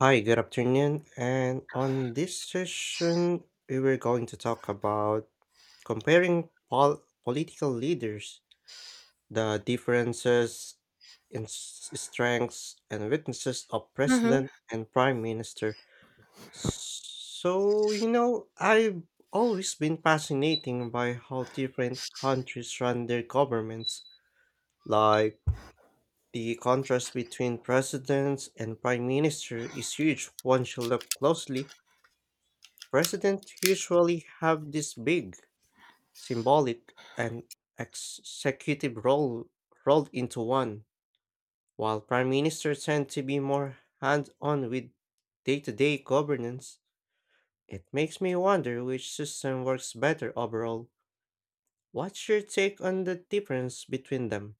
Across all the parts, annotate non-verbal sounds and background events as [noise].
Hi, good afternoon. And on this session, we were going to talk about comparing political leaders, the differences in strengths and weaknesses of Mm-hmm. president and prime minister. So, you know, I've always been fascinating by how different countries run their governments. Like the contrast between presidents and prime minister is huge once you look closely. Presidents usually have this big, symbolic, and executive role rolled into one, while prime ministers tend to be more hands on with day to day governance. It makes me wonder which system works better overall. What's your take on the difference between them?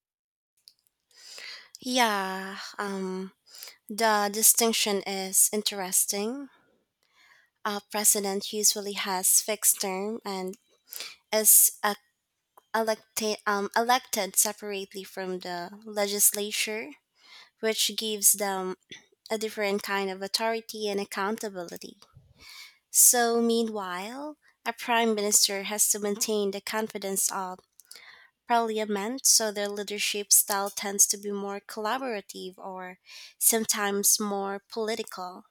Yeah, um, the distinction is interesting. A president usually has fixed term and is elected, elected separately from the legislature, which gives them a different kind of authority and accountability. So, meanwhile, a prime minister has to maintain the confidence of parliament, so their leadership style tends to be more collaborative or sometimes more political.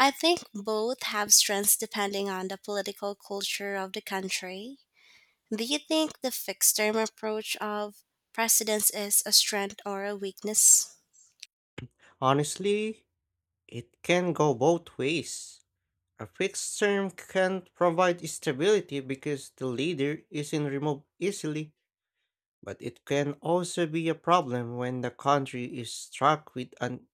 I think both have strengths depending on the political culture of the country. Do you think the fixed term approach of presidents is a strength or a weakness? Honestly, it can go both ways. A fixed term can provide stability because the leader isn't removed easily. But it can also be a problem when the country is struck with an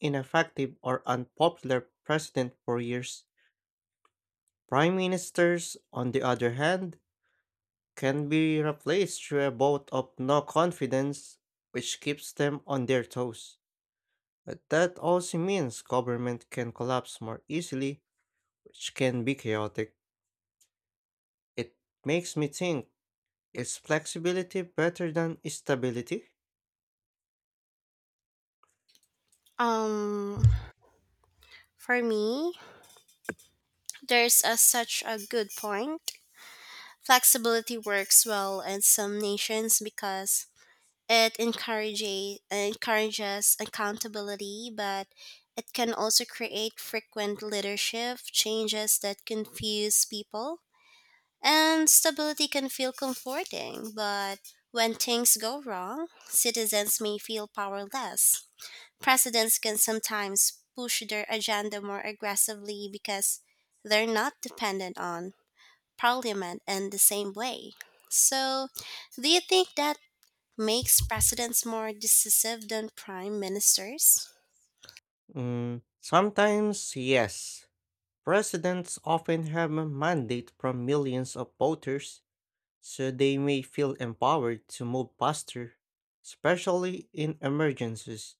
ineffective or unpopular president for years. Prime ministers, on the other hand, can be replaced through a vote of no confidence, which keeps them on their toes. But that also means government can collapse more easily, which can be chaotic. It makes me think, is flexibility better than stability? Um, for me, there's a, such a good point. Flexibility works well in some nations because it encourages accountability, but it can also create frequent leadership changes that confuse people. And stability can feel comforting, but when things go wrong, citizens may feel powerless. Presidents can sometimes push their agenda more aggressively because they're not dependent on parliament in the same way. So, do you think that makes presidents more decisive than prime ministers? Mm, sometimes, yes. Presidents often have a mandate from millions of voters, so they may feel empowered to move faster, especially in emergencies.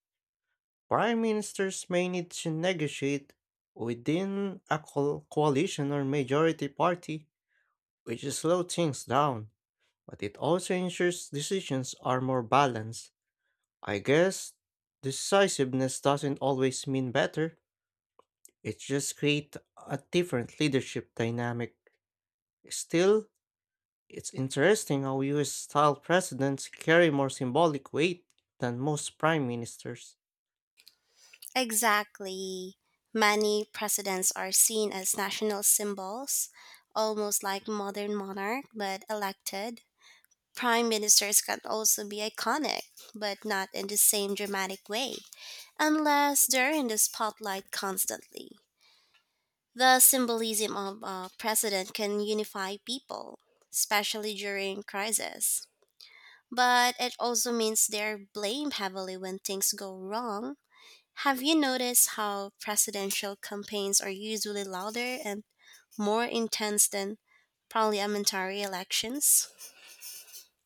Prime ministers may need to negotiate within a coalition or majority party, which slows things down, but it also ensures decisions are more balanced. I guess decisiveness doesn't always mean better, it just creates a different leadership dynamic. Still, it's interesting how US style presidents carry more symbolic weight than most prime ministers. Exactly. Many presidents are seen as national symbols, almost like modern monarch, but elected. Prime ministers can also be iconic, but not in the same dramatic way, unless they're in the spotlight constantly. The symbolism of a president can unify people, especially during crisis, but it also means they're blamed heavily when things go wrong. Have you noticed how presidential campaigns are usually louder and more intense than parliamentary elections?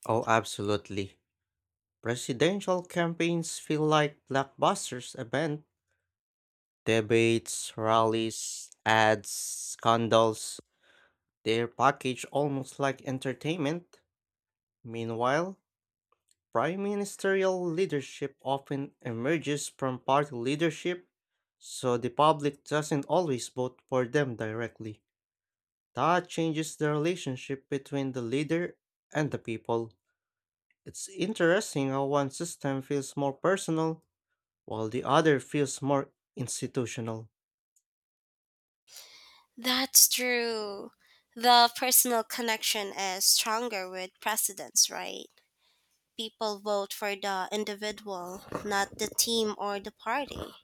Oh, absolutely. Presidential campaigns feel like blockbusters event. Debates, rallies, ads, scandals, they're packaged almost like entertainment. Meanwhile, prime ministerial leadership often emerges from party leadership, so the public doesn't always vote for them directly. That changes the relationship between the leader and the people. It's interesting how one system feels more personal while the other feels more institutional. That's true. The personal connection is stronger with presidents, right? People vote for the individual, not the team or the party.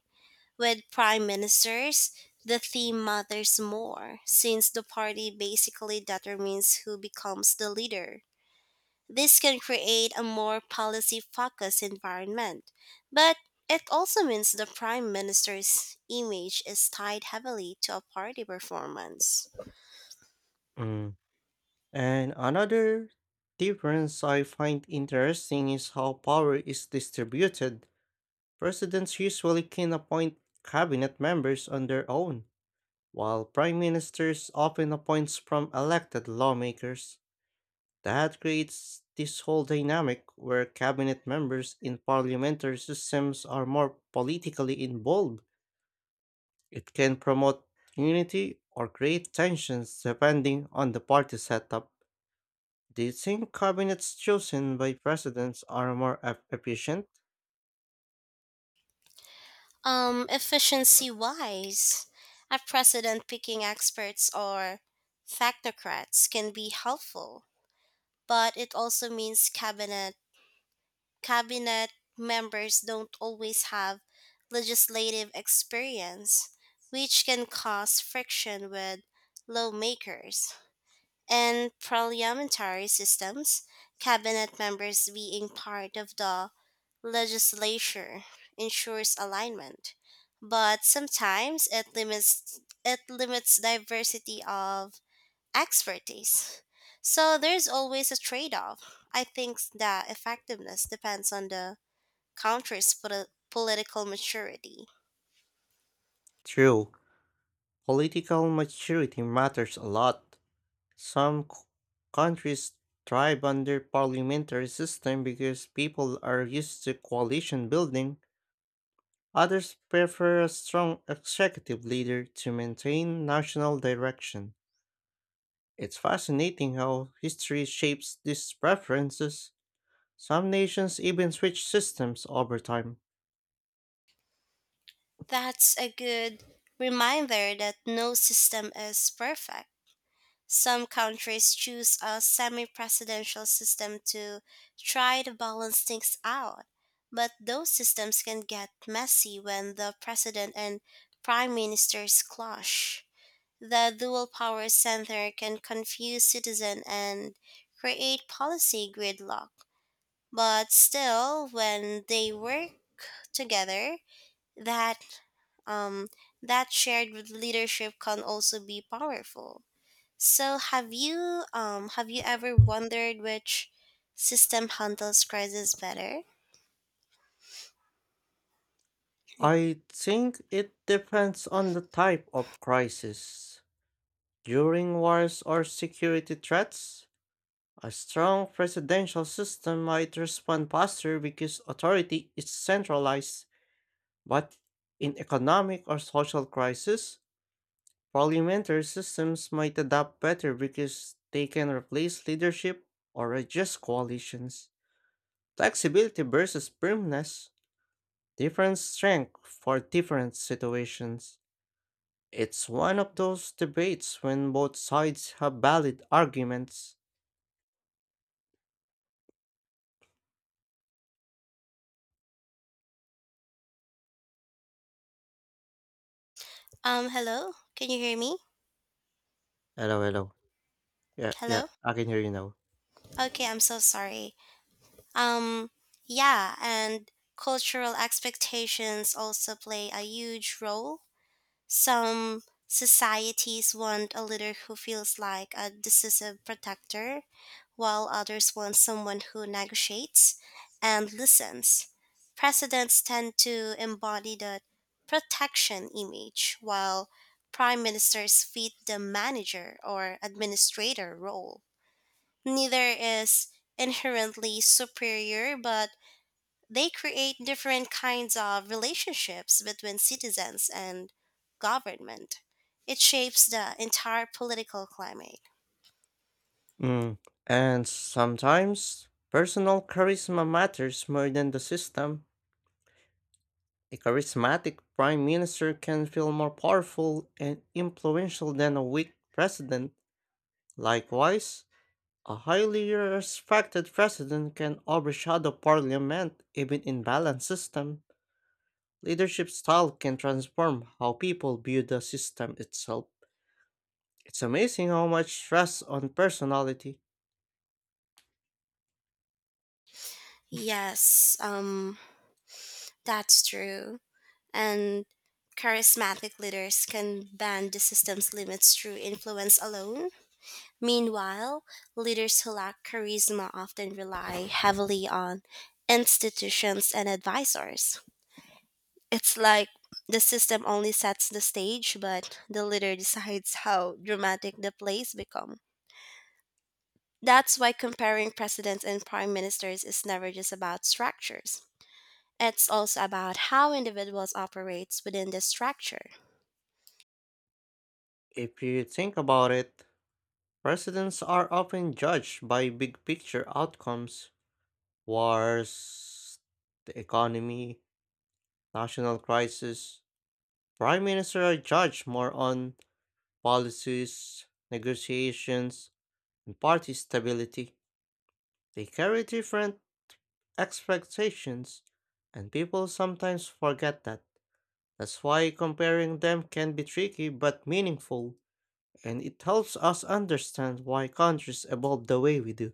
With prime ministers, the theme matters more, since the party basically determines who becomes the leader. This can create a more policy focused environment, but it also means the prime minister's image is tied heavily to a party performance. Mm. And another difference I find interesting is how power is distributed. Presidents usually can appoint cabinet members on their own, while prime ministers often appoints from elected lawmakers. That creates this whole dynamic where cabinet members in parliamentary systems are more politically involved. It can promote unity or create tensions depending on the party setup. Do you think cabinets chosen by presidents are more efficient? Efficiency wise, a president picking experts or technocrats can be helpful, but it also means cabinet members don't always have legislative experience, which can cause friction with lawmakers. And parliamentary systems, cabinet members being part of the legislature ensures alignment, but sometimes it limits diversity of expertise. So there's always a trade-off. I think that effectiveness depends on the country's political maturity. True, political maturity matters a lot. Some countries thrive under parliamentary system because people are used to coalition building. Others prefer a strong executive leader to maintain national direction. It's fascinating how history shapes these preferences. Some nations even switch systems over time. That's a good reminder that no system is perfect. Some countries choose a semi presidential system to try to balance things out, but those systems can get messy when the president and prime ministers clash. The dual power center can confuse citizens and create policy gridlock. But still, when they work together, that um, that shared leadership can also be powerful. So, have you ever wondered which system handles crisis better? I think it depends on the type of crisis. During wars or security threats, a strong presidential system might respond faster because authority is centralized, but in economic or social crisis, parliamentary systems might adapt better because they can replace leadership or adjust coalitions. Flexibility versus firmness, different strength for different situations. It's one of those debates when both sides have valid arguments. Hello, can you hear me? Hello, hello. Yeah, yeah, Hello. I can hear you now. Okay, I'm so sorry. Um, yeah, and cultural expectations also play a huge role. Some societies want a leader who feels like a decisive protector, while others want someone who negotiates and listens. Presidents tend to embody the protection image, while prime ministers fit the manager or administrator role. Neither is inherently superior, but they create different kinds of relationships between citizens and government. It shapes the entire political climate. Mm. And sometimes personal charisma matters more than the system. A charismatic prime minister can feel more powerful and influential than a weak president. Likewise, a highly respected president can overshadow parliament even in balanced system. Leadership style can transform how people view the system itself. It's amazing how much stress on personality. Yes, um, that's true. And charismatic leaders can bend the system's limits through influence alone. Meanwhile, leaders who lack charisma often rely heavily on institutions and advisors. It's like the system only sets the stage, but the leader decides how dramatic the plays become. That's why comparing presidents and prime ministers is never just about structures. It's also about how individuals operates within the structure. If you think about it, presidents are often judged by big picture outcomes, wars, the economy, national crisis, prime ministers are judged more on policies, negotiations, and party stability. They carry different expectations, and people sometimes forget that. That's why comparing them can be tricky but meaningful, and it helps us understand why countries evolve the way we do.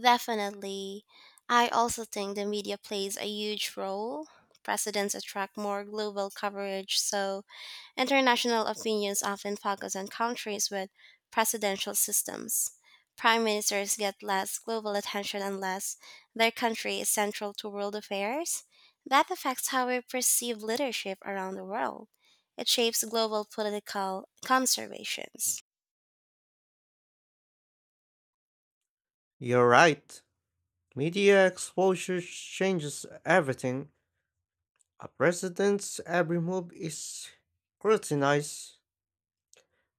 Definitely. I also think the media plays a huge role. Presidents attract more global coverage, so international opinions often focus on countries with presidential systems. Prime ministers get less global attention unless their country is central to world affairs. That affects how we perceive leadership around the world. It shapes global political conservations. You're right. Media exposure changes everything. A president's every move is scrutinized,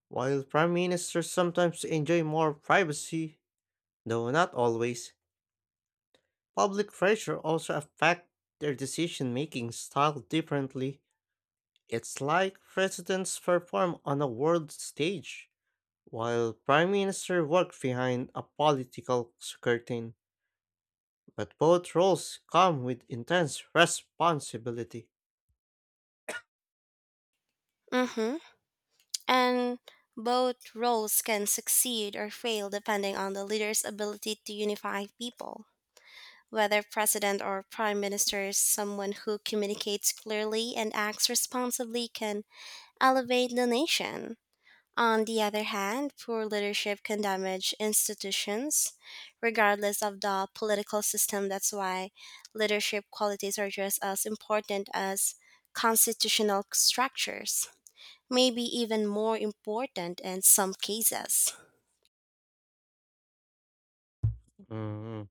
while prime ministers sometimes enjoy more privacy, though not always, public pressure also affects their decision-making style differently. It's like presidents perform on a world stage, while prime minister work behind a political curtain. But both roles come with intense responsibility. Mm-hmm. And both roles can succeed or fail depending on the leader's ability to unify people. Whether president or prime minister, someone who communicates clearly and acts responsibly can elevate the nation. On the other hand, poor leadership can damage institutions, regardless of the political system. That's why leadership qualities are just as important as constitutional structures, maybe even more important in some cases. Mhm.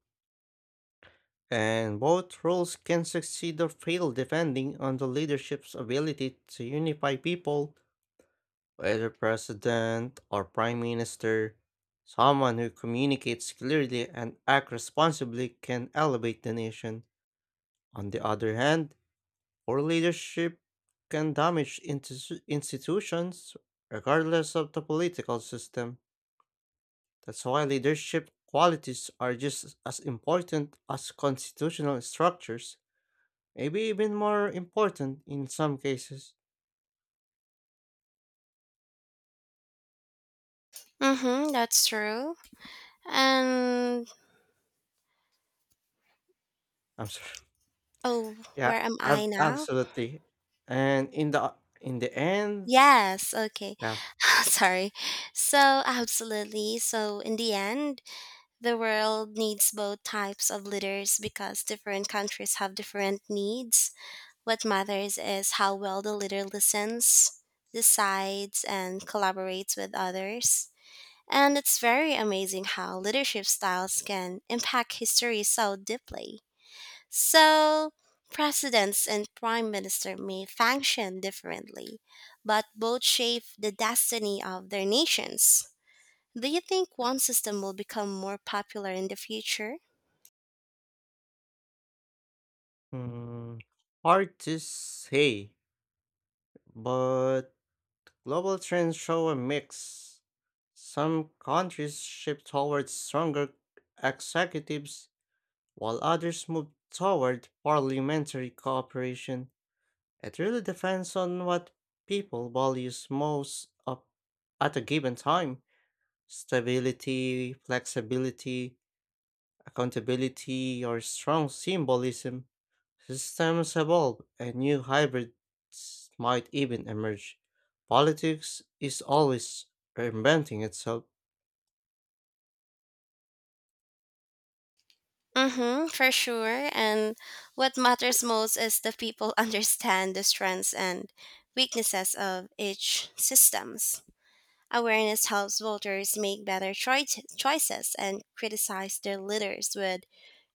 And both roles can succeed or fail depending on the leadership's ability to unify people, whether president or prime minister, someone who communicates clearly and acts responsibly can elevate the nation. On the other hand, poor leadership can damage institutions regardless of the political system. That's why leadership qualities are just as important as constitutional structures, maybe even more important in some cases. Mm-hmm, that's true. And I'm [laughs] sorry. oh, Yeah, where am I ab now? absolutely. And in the end, Yes, okay. yeah, [laughs] Sorry. So, absolutely. So, in the end, the world needs both types of leaders because different countries have different needs. What matters is how well the leader listens, decides, and collaborates with others. And it's very amazing how leadership styles can impact history so deeply. So, presidents and prime minister may function differently, but both shape the destiny of their nations. Do you think one system will become more popular in the future? mm, hard to say, but global trends show a mix. Some countries shift towards stronger executives, while others move toward parliamentary cooperation. It really depends on what people values most up at a given time. Stability, flexibility, accountability or strong symbolism, systems evolve and new hybrids might even emerge. Politics is always reinventing itself, Mm-hmm, for sure. And what matters most is the people [laughs] understand the strengths and weaknesses of each systems. Awareness helps voters make better choices and criticize their leaders with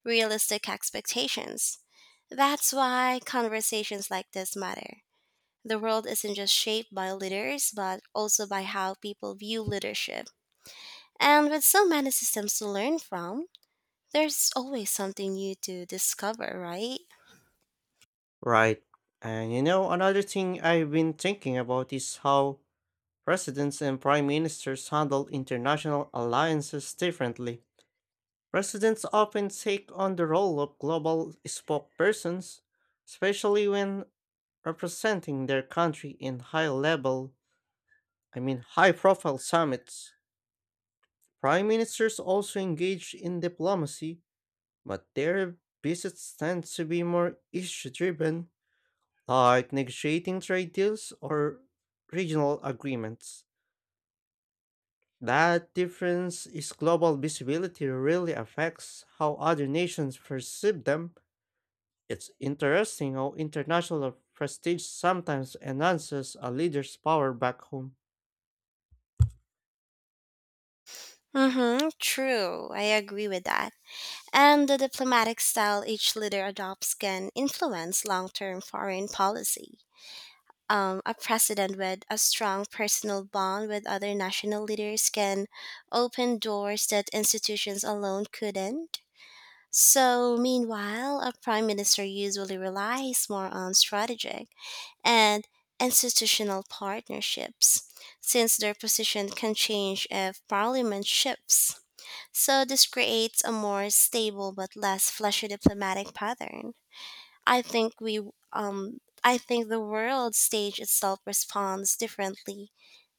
realistic expectations. That's why conversations like this matter. The world isn't just shaped by leaders, but also by how people view leadership. And with so many systems to learn from, there's always something new to discover, right? right? And you know, another thing I've been thinking about is how presidents and prime ministers handle international alliances differently. Presidents often take on the role of global spokespersons, especially when representing their country in high level I mean, high profile summits, prime ministers also engage in diplomacy, but their visits tend to be more issue driven, like negotiating trade deals or regional agreements. That difference is global visibility really affects how other nations perceive them. It's interesting how international prestige sometimes enhances a leader's power back home. Mm-hmm, true. I agree with that. And the diplomatic style each leader adopts can influence long term foreign policy. A president with a strong personal bond with other national leaders can open doors that institutions alone couldn't. So, meanwhile, a prime minister usually relies more on strategic and institutional partnerships, since their position can change if parliament shifts. So, this creates a more stable but less fleshy diplomatic pattern. I think we um I think the world stage itself responds differently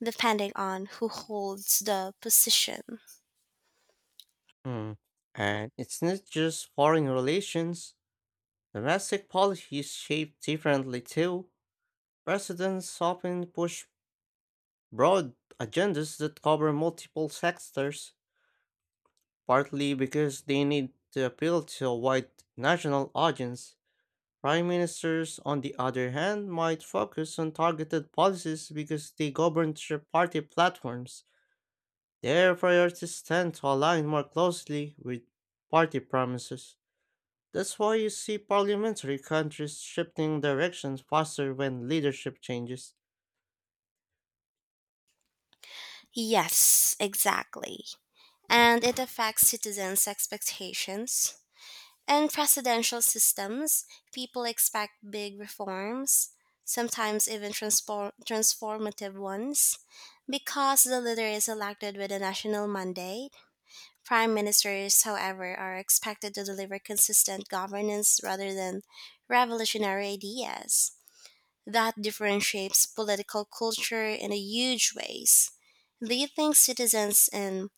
depending on who holds the position. Mm. And it's not just foreign relations. Domestic policy is shaped differently too. Presidents often push broad agendas that cover multiple sectors, partly because they need to appeal to a wide national audience. Prime ministers, on the other hand, might focus on targeted policies because they govern their party platforms. Their priorities tend to align more closely with party promises. That's why you see parliamentary countries shifting directions faster when leadership changes. Yes, exactly. And it affects citizens' expectations. In presidential systems, people expect big reforms, sometimes even transformative ones, because the leader is elected with a national mandate. Prime ministers, however, are expected to deliver consistent governance rather than revolutionary ideas. That differentiates political culture in a huge ways. Do you think citizens in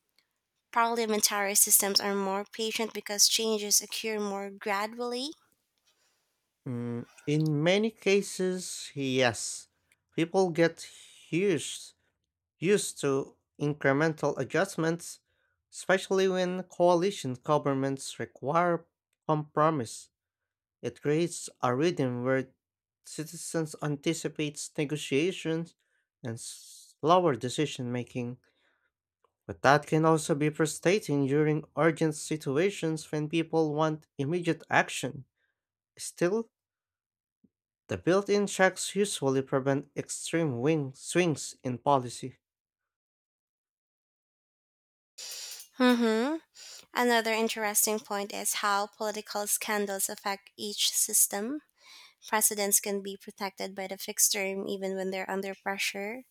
parliamentary systems are more patient because changes occur more gradually? Mm, in many cases, yes. People get used, used to incremental adjustments, especially when coalition governments require compromise. It creates a rhythm where citizens anticipate negotiations and slower decision making. But that can also be frustrating during urgent situations when people want immediate action. Still, the built in checks usually prevent extreme wing swings in policy. Mm-hmm. Another interesting point is how political scandals affect each system. Presidents can be protected by the fixed term even when they're under pressure,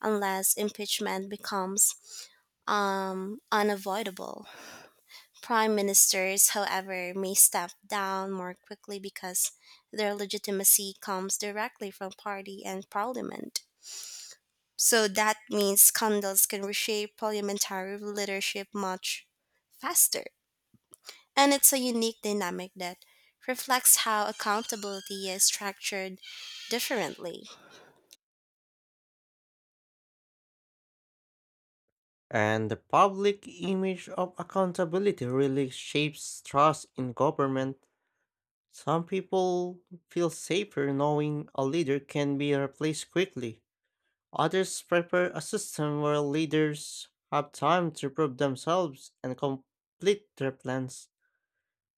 unless impeachment becomes unavoidable. Prime ministers, however, may step down more quickly because their legitimacy comes directly from party and parliament. So that means scandals can reshape parliamentary leadership much faster. And it's a unique dynamic that reflects how accountability is structured differently. And the public image of accountability really shapes trust in government. Some people feel safer knowing a leader can be replaced quickly. Others prefer a system where leaders have time to prove themselves and complete their plans.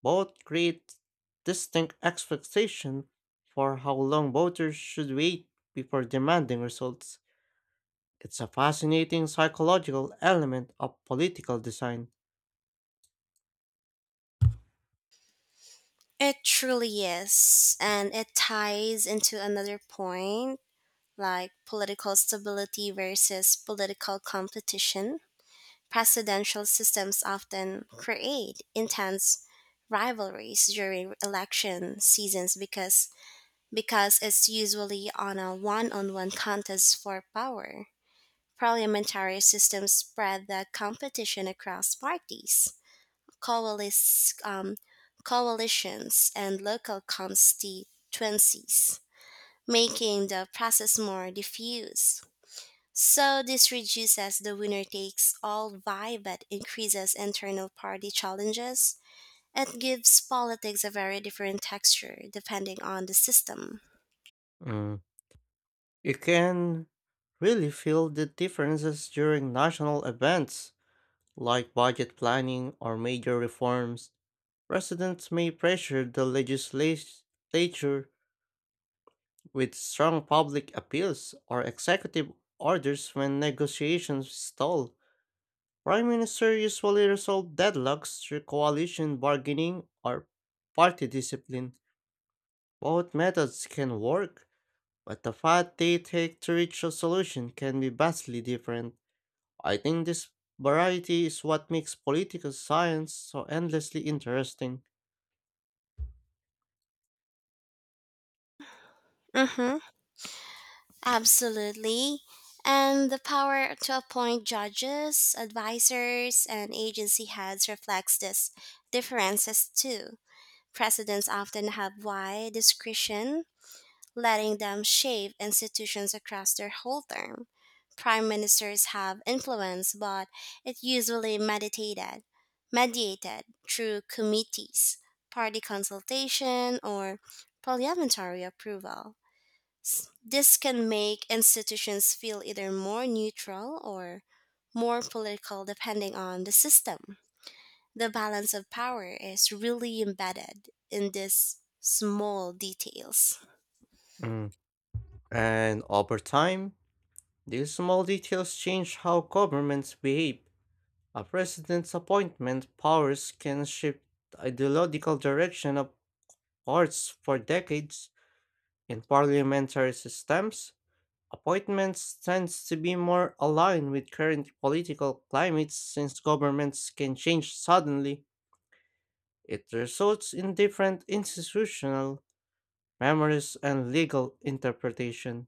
Both create distinct expectations for how long voters should wait before demanding results. It's a fascinating psychological element of political design. It truly is. And it ties into another point like political stability versus political competition. Presidential systems often create intense rivalries during election seasons because it's usually on a one-on-one contest for power. Parliamentary systems spread the competition across parties, coalice, um, coalitions, and local constituencies, making the process more diffuse. So this reduces the winner takes all vibe but increases internal party challenges. It gives politics a very different texture depending on the system. Mm. You can really feel the differences during national events like budget planning or major reforms. Presidents may pressure the legislature with strong public appeals or executive orders when negotiations stall. Prime Minister usually resolve deadlocks through coalition bargaining or party discipline. Both methods can work, but the path they take to reach a solution can be vastly different. I think this variety is what makes political science so endlessly interesting. Mm-hmm. Absolutely. And the power to appoint judges, advisors, and agency heads reflects this differences too. Presidents often have wide discretion letting them shape institutions across their whole term. Prime ministers have influence, but it usually mediated through committees, party consultation, or parliamentary approval. This can make institutions feel either more neutral or more political depending on the system. The balance of power is really embedded in these small details. Mm. And over time, these small details change how governments behave. A president's appointment powers can shift the ideological direction of courts for decades. In parliamentary systems, appointments tends to be more aligned with current political climates since governments can change suddenly. It results in different institutional memories and legal interpretation.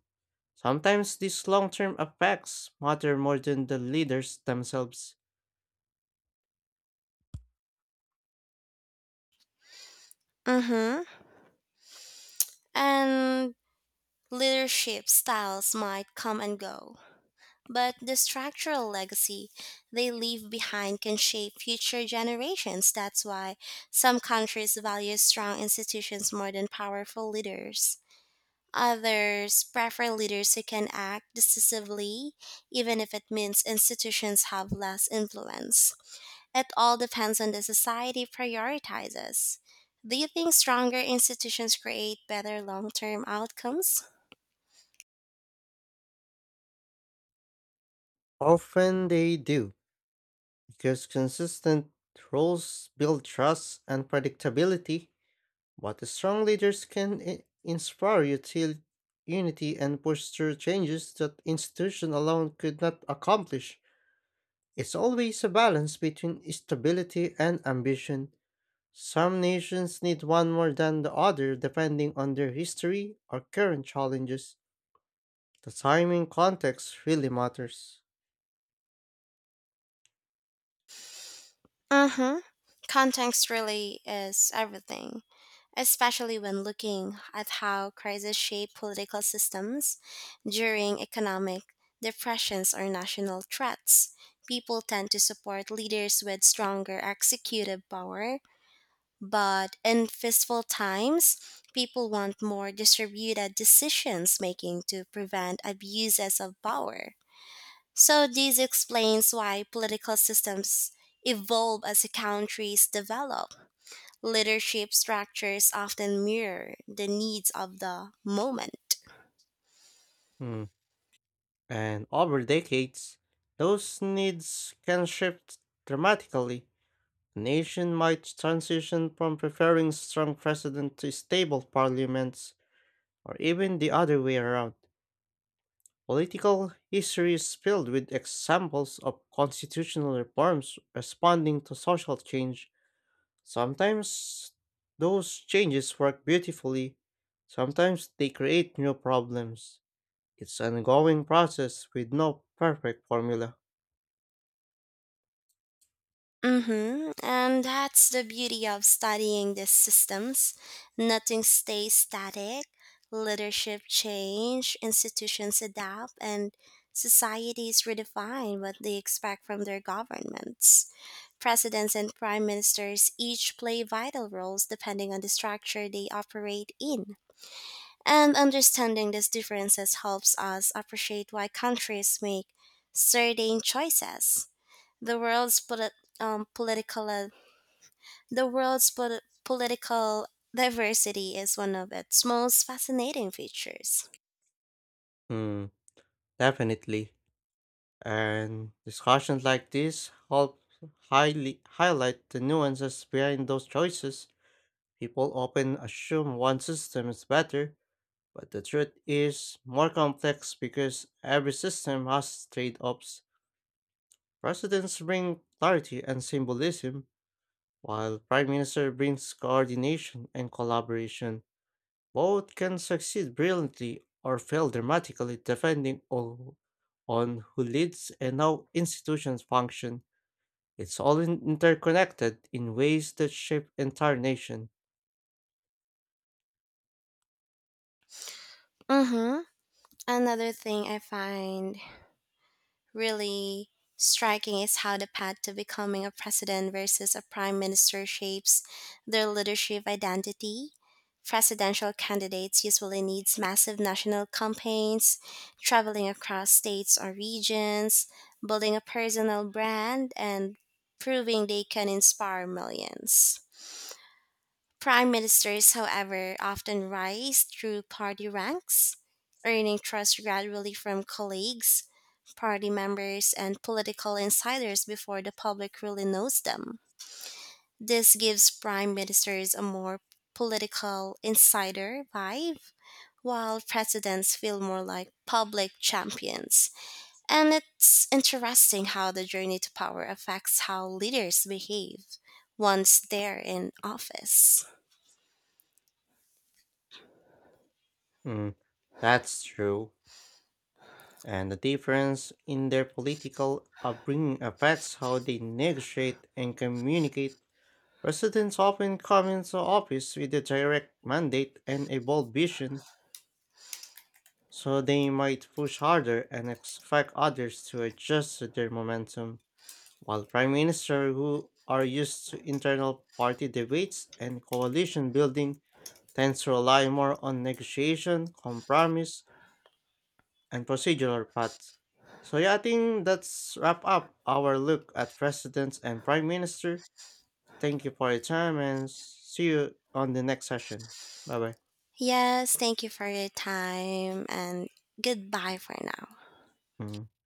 Sometimes these long-term effects matter more than the leaders themselves. Mm-hmm. And leadership styles might come and go, but the structural legacy they leave behind can shape future generations. That's why some countries value strong institutions more than powerful leaders. Others prefer leaders who can act decisively, even if it means institutions have less influence. It all depends on the society prioritizes. Do you think stronger institutions create better long term outcomes? Often they do, because consistent rules build trust and predictability. But strong leaders can inspire unity and push through changes that institution alone could not accomplish. It's always a balance between stability and ambition. Some nations need one more than the other depending on their history or current challenges. The timing context really matters. Mm-hmm. Context really is everything, especially when looking at how crises shape political systems during economic depressions or national threats. People tend to support leaders with stronger executive power, but in fistful times, people want more distributed decisions making to prevent abuses of power. So, this explains why political systems evolve as countries develop. Leadership structures often mirror the needs of the moment. Hmm. And over decades, those needs can shift dramatically. A nation might transition from preferring strong president to stable parliaments, or even the other way around. Political history is filled with examples of constitutional reforms responding to social change. Sometimes those changes work beautifully, sometimes they create new problems. It's an ongoing process with no perfect formula. Mm-hmm. And that's the beauty of studying these systems. Nothing stays static. Leadership change, institutions adapt, and societies redefine what they expect from their governments. Presidents and prime ministers each play vital roles depending on the structure they operate in. And understanding these differences helps us appreciate why countries make certain choices. The world's polit- um, political uh, the world's political diversity is one of its most fascinating features. Hmm, definitely. And discussions like this help highly highlight the nuances behind those choices. People often assume one system is better, but the truth is more complex because every system has trade-offs. Presidents bring clarity and symbolism, while prime minister brings coordination and collaboration. Both can succeed brilliantly or fail dramatically depending on who leads and how institutions function. It's all interconnected in ways that shape entire nation. Mm-hmm. Another thing I find really striking is how the path to becoming a president versus a prime minister shapes their leadership identity. Presidential candidates usually needs massive national campaigns, traveling across states or regions, building a personal brand, and proving they can inspire millions. Prime ministers, however, often rise through party ranks, earning trust gradually from colleagues, party members, and political insiders before the public really knows them. This gives prime ministers a more political insider vibe, while presidents feel more like public champions. And it's interesting how the journey to power affects how leaders behave once they're in office. Mm, that's true. And the difference in their political upbringing affects how they negotiate and communicate. Presidents often come into office with a direct mandate and a bold vision, so they might push harder and expect others to adjust to their momentum. While prime ministers who are used to internal party debates and coalition building tends to rely more on negotiation, compromise, and procedural paths. So yeah, I think that's wrap up our look at presidents and prime minister. Thank you for your time and see you on the next session. Bye Yes, thank you for your time and goodbye for now. bye.